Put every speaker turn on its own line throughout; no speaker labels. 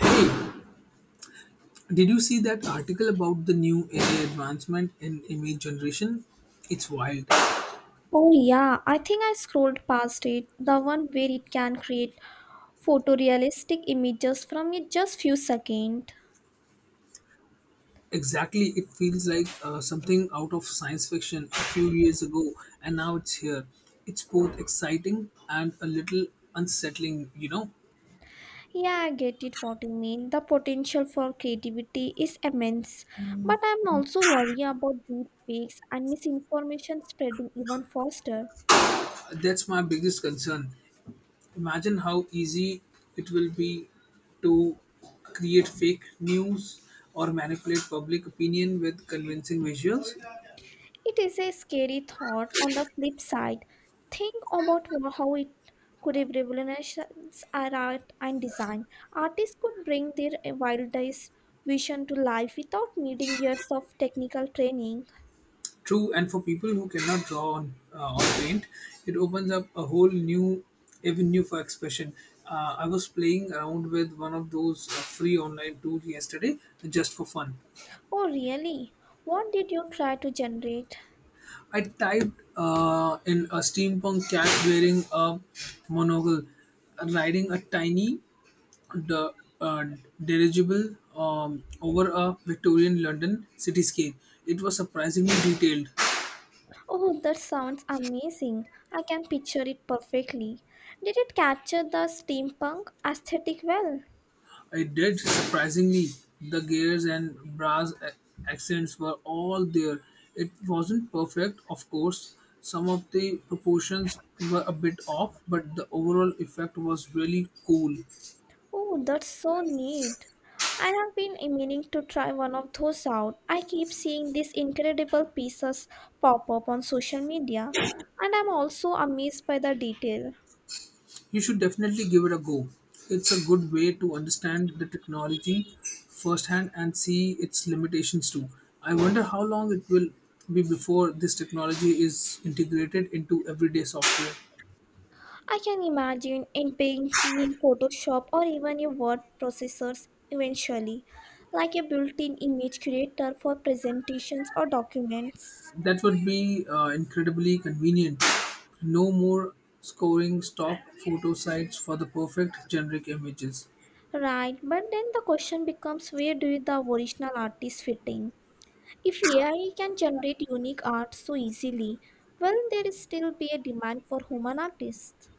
Hey, did you see that article about the new AI advancement in image generation? It's wild.
Oh, yeah, I think I scrolled past it. The one where it can create photorealistic images from it just few seconds.
Exactly, it feels like something out of science fiction a few years ago, and now it's here. It's both exciting and a little unsettling, you know?
Yeah, I get it what you mean. The potential for creativity is immense. But I'm also worried about deep fakes and misinformation spreading even faster.
That's my biggest concern. Imagine how easy it will be to create fake news or manipulate public opinion with convincing visuals.
It is a scary thought. On the flip side, think about how it could have revolutionized our art and design. Artists could bring their wildest vision to life without needing years of technical training.
True, and for people who cannot draw on or paint, it opens up a whole new avenue for expression. I was playing around with one of those free online tools yesterday just for fun.
Oh, really? What did you try to generate?
I typed in a steampunk cat wearing a monocle, riding a tiny the uh, dirigible over a Victorian London cityscape. It was surprisingly detailed.
Oh, that sounds amazing. I can picture it perfectly. Did it capture the steampunk aesthetic well?
It did, surprisingly. The gears and accents were all there. It wasn't perfect, of course. Some of the proportions were a bit off, but the overall effect was really cool.
Oh, that's so neat. I have been meaning to try one of those out. I keep seeing these incredible pieces pop up on social media, and I'm also amazed by the detail.
You should definitely give it a go. It's a good way to understand the technology firsthand and see its limitations too. I wonder how long it will be before this technology is integrated into everyday software.
I can imagine it being in Photoshop or even your word processors eventually, like a built in image creator for presentations or documents.
That would be incredibly convenient. No more scoring stock photo sites for the perfect generic images.
Right, but then the question becomes where do the original artists fit in? If AI can generate unique art so easily, will there still be a demand for human artists?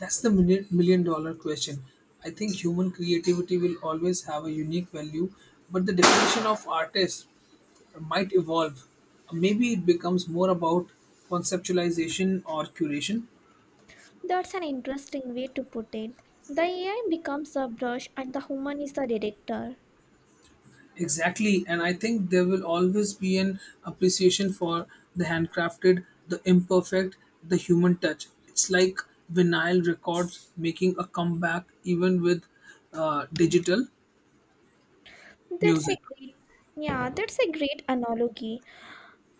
That's the million dollar question. I think human creativity will always have a unique value, but the definition of artist might evolve. Maybe it becomes more about conceptualization or curation.
That's an interesting way to put it. The AI becomes the brush and the human is the director.
Exactly, and I think there will always be an appreciation for the handcrafted, the imperfect, the human touch. It's like vinyl records making a comeback even with digital
That's a
music.
great yeah, that's a great analogy.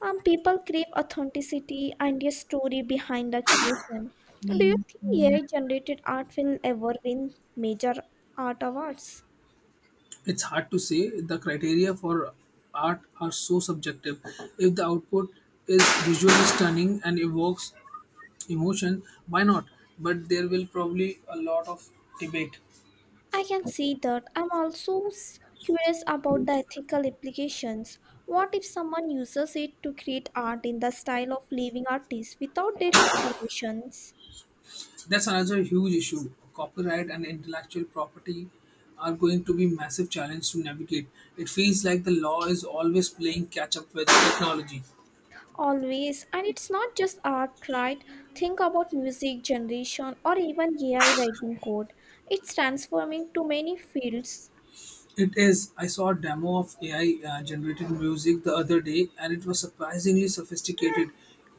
People crave authenticity and a story behind the creation. Do you think AI generated art will ever win major art awards?
It's hard to say, the criteria for art are so subjective. If the output is visually stunning and evokes emotion, why not? But there will probably a lot of debate.
I can see that. I'm also curious about the ethical implications. What if someone uses it to create art in the style of living artists without their permissions?
That's another huge issue. Copyright and intellectual property are going to be massive challenge to navigate. It feels like the law is always playing catch up with technology.
Always, and it's not just art, right? Think about music generation or even AI writing code. It's transforming to many fields.
It is. I saw a demo of AI generated music the other day and it was surprisingly sophisticated.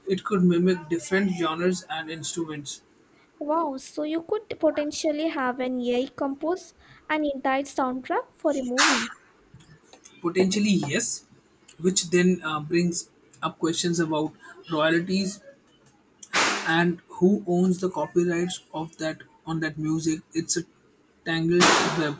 It could mimic different genres and instruments.
Wow, so you could potentially have an AI compose an entire soundtrack for a movie.
Potentially, yes, which then brings up questions about royalties and who owns the copyrights of that on that music. It's a tangled web.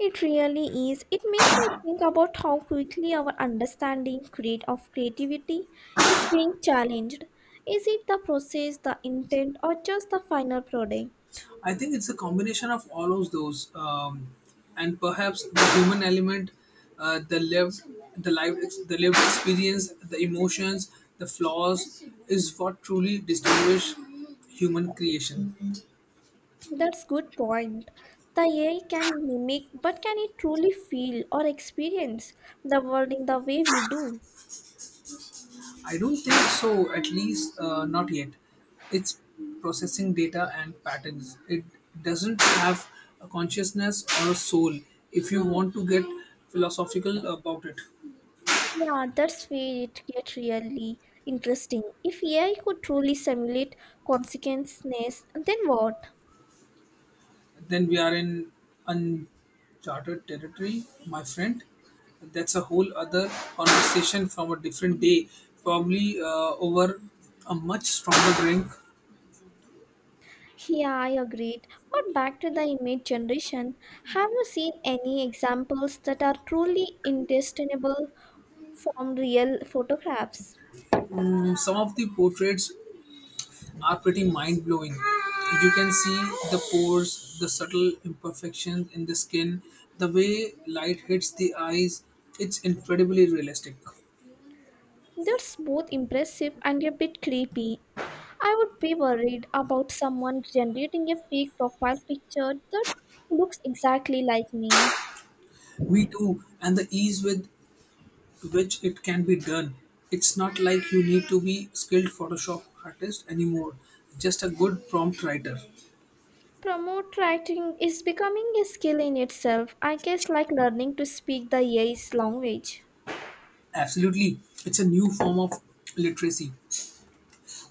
It really is. It makes me think about how quickly our understanding create of creativity is being challenged. Is it the process, the intent, or just the final product?
I think it's a combination of all of those, and perhaps the human element, uh, the lived the life the lived experience, the emotions, the flaws, is what truly distinguish human creation.
That's good point. The AI can mimic, but can it truly feel or experience the world in the way we do?
I don't think so, at least not yet. It's processing data and patterns. It doesn't have a consciousness or a soul. If you want to get philosophical about it,
Yeah, that's where it gets really interesting. If AI could truly simulate consequences, then what?
then we are in uncharted territory, my friend. That's a whole other conversation from a different day, probably over a much stronger drink.
Yeah, I agreed. But back to the image generation, have you seen any examples that are truly indistinguishable from real photographs?
Mm, some of the portraits are pretty mind blowing. You can see the pores, the subtle imperfections in the skin, the way light hits the eyes. It's incredibly realistic.
That's both impressive and a bit creepy. I would be worried about someone generating a fake profile picture that looks exactly like me.
Me too, and the ease with which it can be done. It's not like you need to be skilled Photoshop artist anymore, just a good prompt writer.
Promote writing is becoming a skill in itself, I guess, like learning to speak the AI's language.
Absolutely, it's a new form of literacy.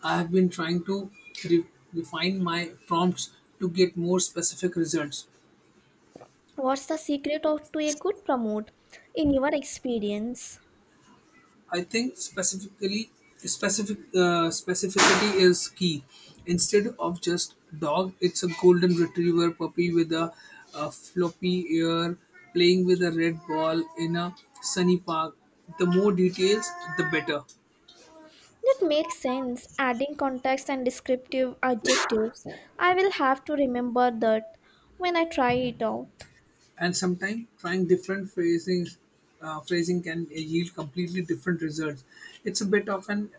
I have been trying to re- refine my prompts to get more specific results.
What's the secret of to a good promote in your experience?
I think specifically specific specificity is key. Instead of just dog, it's a golden retriever puppy with a floppy ear playing with a red ball in a sunny park. The more details, the better.
That makes sense. Adding context and descriptive adjectives. I will have to remember that when I try it out.
And sometimes trying different phrasing can yield completely different results. It's a bit of an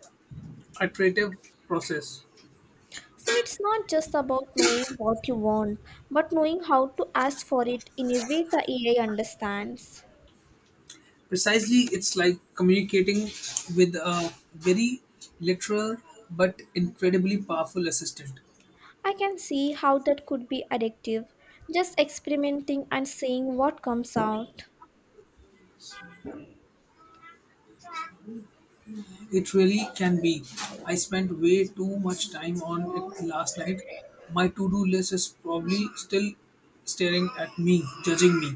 iterative process.
So it's not just about knowing what you want, but knowing how to ask for it in a way the AI understands.
Precisely, it's like communicating with a very literal but incredibly powerful assistant.
I can see how that could be addictive. Just experimenting and seeing what comes out.
It really can be. I spent way too much time on it last night. My to-do list is probably still staring at me, judging me.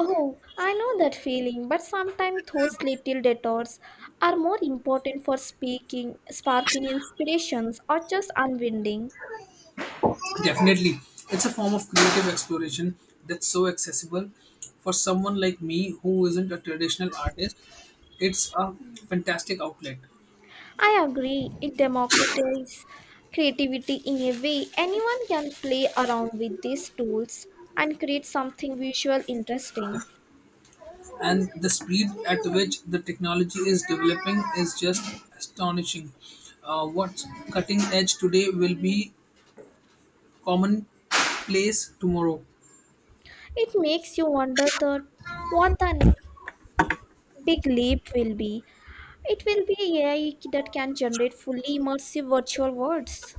Oh, I know that feeling, but sometimes those little detours are more important for speaking, sparking inspirations, or just unwinding.
Definitely. It's a form of creative exploration that's so accessible for someone like me who isn't a traditional artist. It's a fantastic outlet.
I agree, it democratizes creativity in a way. Anyone can play around with these tools and create something visual interesting.
And the speed at which the technology is developing is just astonishing. What's cutting edge today will be commonplace tomorrow.
It makes you wonder that what the big leap will be. It will be AI that can generate fully immersive virtual worlds.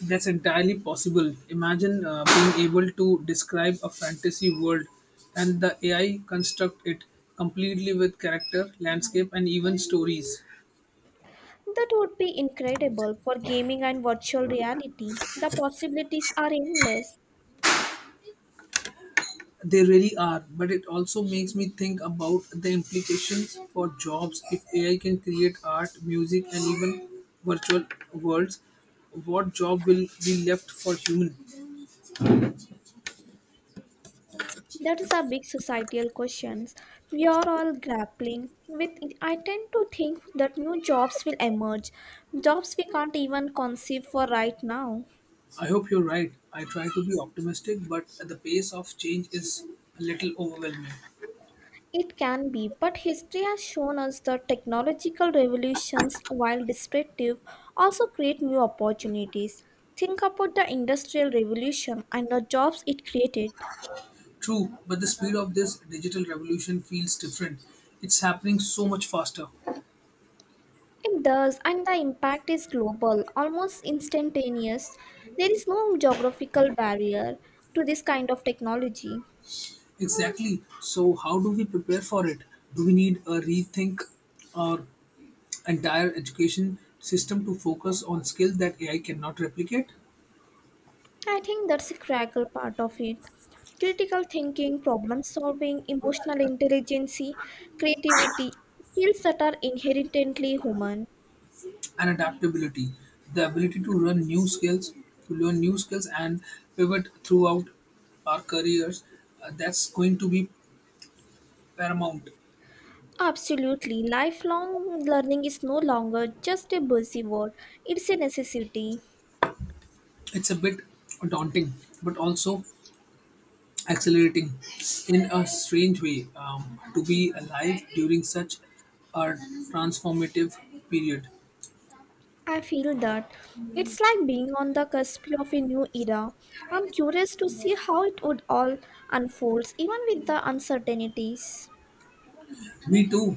That's entirely possible. Imagine being able to describe a fantasy world and the AI construct it completely with character, landscape, and even stories.
That would be incredible for gaming and virtual reality. The possibilities are endless.
They really are, but it also makes me think about the implications for jobs if AI can create art, music, and even virtual worlds. What job will be left for human?
That is a big societal question we are all grappling with. I tend to think that new jobs will emerge, jobs we can't even conceive for right now.
I hope you're right. I try to be optimistic, but the pace of change is a little overwhelming.
It can be, but history has shown us that technological revolutions, while destructive, also create new opportunities. Think about the Industrial Revolution and the jobs it created.
True, but the speed of this digital revolution feels different. It's happening so much faster.
It does, and the impact is global, almost instantaneous. There is no geographical barrier to this kind of technology.
Exactly. So, how do we prepare for it? Do we need a rethink or entire education system to focus on skills that AI cannot replicate
I think that's a critical part of it. Critical thinking, problem solving, emotional intelligence, creativity, skills that are inherently human.
and adaptability, the ability to run new skills, to learn new skills and pivot throughout our careers. That's going to be paramount.
Absolutely, lifelong learning is no longer just a buzzword, it's a necessity.
It's a bit daunting, but also accelerating in a strange way, to be alive during such a transformative period.
I feel that it's like being on the cusp of a new era. I'm curious to see how it would all unfolds, even with the uncertainties.
Me too.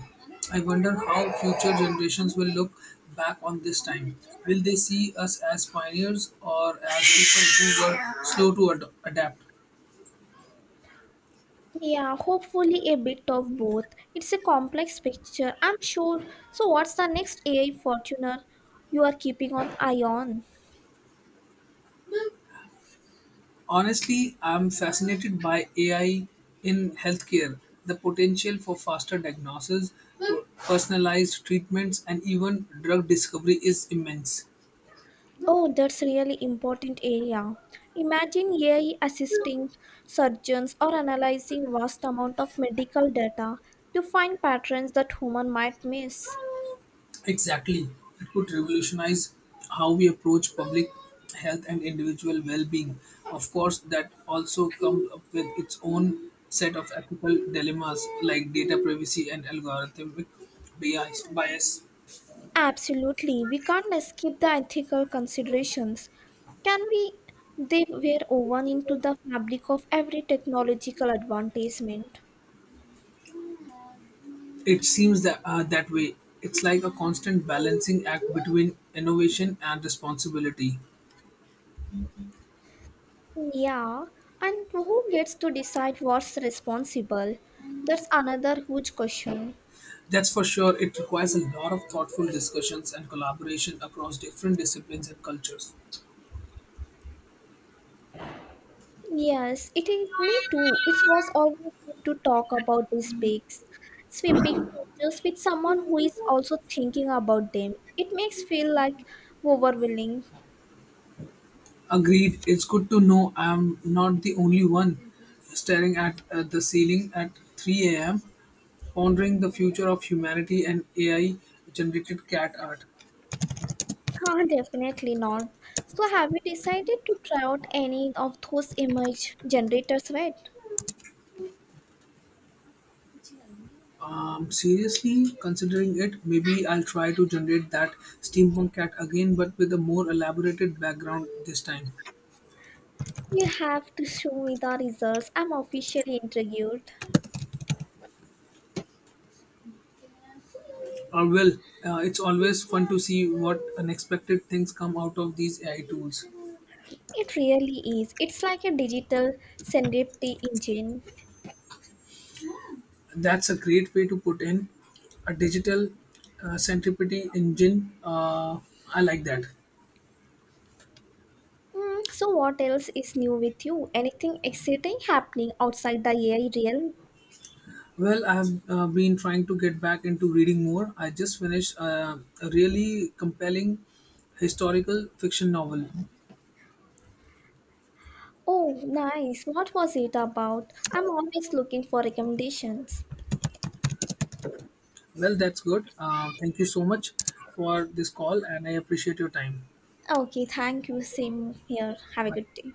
I wonder how future generations will look back on this time. Will they see us as pioneers or as people who were adapt?
Yeah, hopefully a bit of both. It's a complex picture, I'm sure. So, what's the next AI Fortuner you are keeping an eye on?
Honestly, I'm fascinated by AI in healthcare, the potential for faster diagnosis, personalized treatments, and even drug discovery is immense.
Oh, that's really important area. Imagine AI assisting surgeons or analyzing vast amount of medical data to find patterns that human might miss.
Exactly. It could revolutionize how we approach public health and individual well being. Of course, that also comes up with its own set of ethical dilemmas like data privacy and algorithmic bias.
Absolutely. We can't escape the ethical considerations. Can we? They were woven into the fabric of every technological advancement.
It seems that, that way. It's like a constant balancing act between innovation and responsibility.
Yeah, and who gets to decide what's responsible? That's another huge question.
That's for sure. It requires a lot of thoughtful discussions and collaboration across different disciplines and cultures.
Yes, it is me too. It was always good to talk about these big, sweeping changes with someone who is also thinking about them. It makes feel like overwhelming.
Agreed. It's good to know I'm not the only one staring at the ceiling at 3 a.m., pondering the future of humanity and AI generated cat art.
Ah, definitely not. So, have you decided to try out any of those image generators yet?
Seriously, considering it, maybe I'll try to generate that steampunk cat again, but with a more elaborated background this time.
You have to show me the results. I'm officially intrigued.
Or will, it's always fun to see what unexpected things come out of these AI tools.
It really is. It's like a digital serendipity engine.
That's a great way to put in a digital, centripety engine. I like that.
Mm, so, what else is new with you? Anything exciting happening outside the AI realm?
Well, I have been trying to get back into reading more. I just finished a really compelling historical fiction novel.
Oh, nice. What was it about? I'm always looking for recommendations.
Well, that's good. Thank you so much for this call, and I appreciate your time.
Okay, thank you. Same here. Have a good
Bye.
day.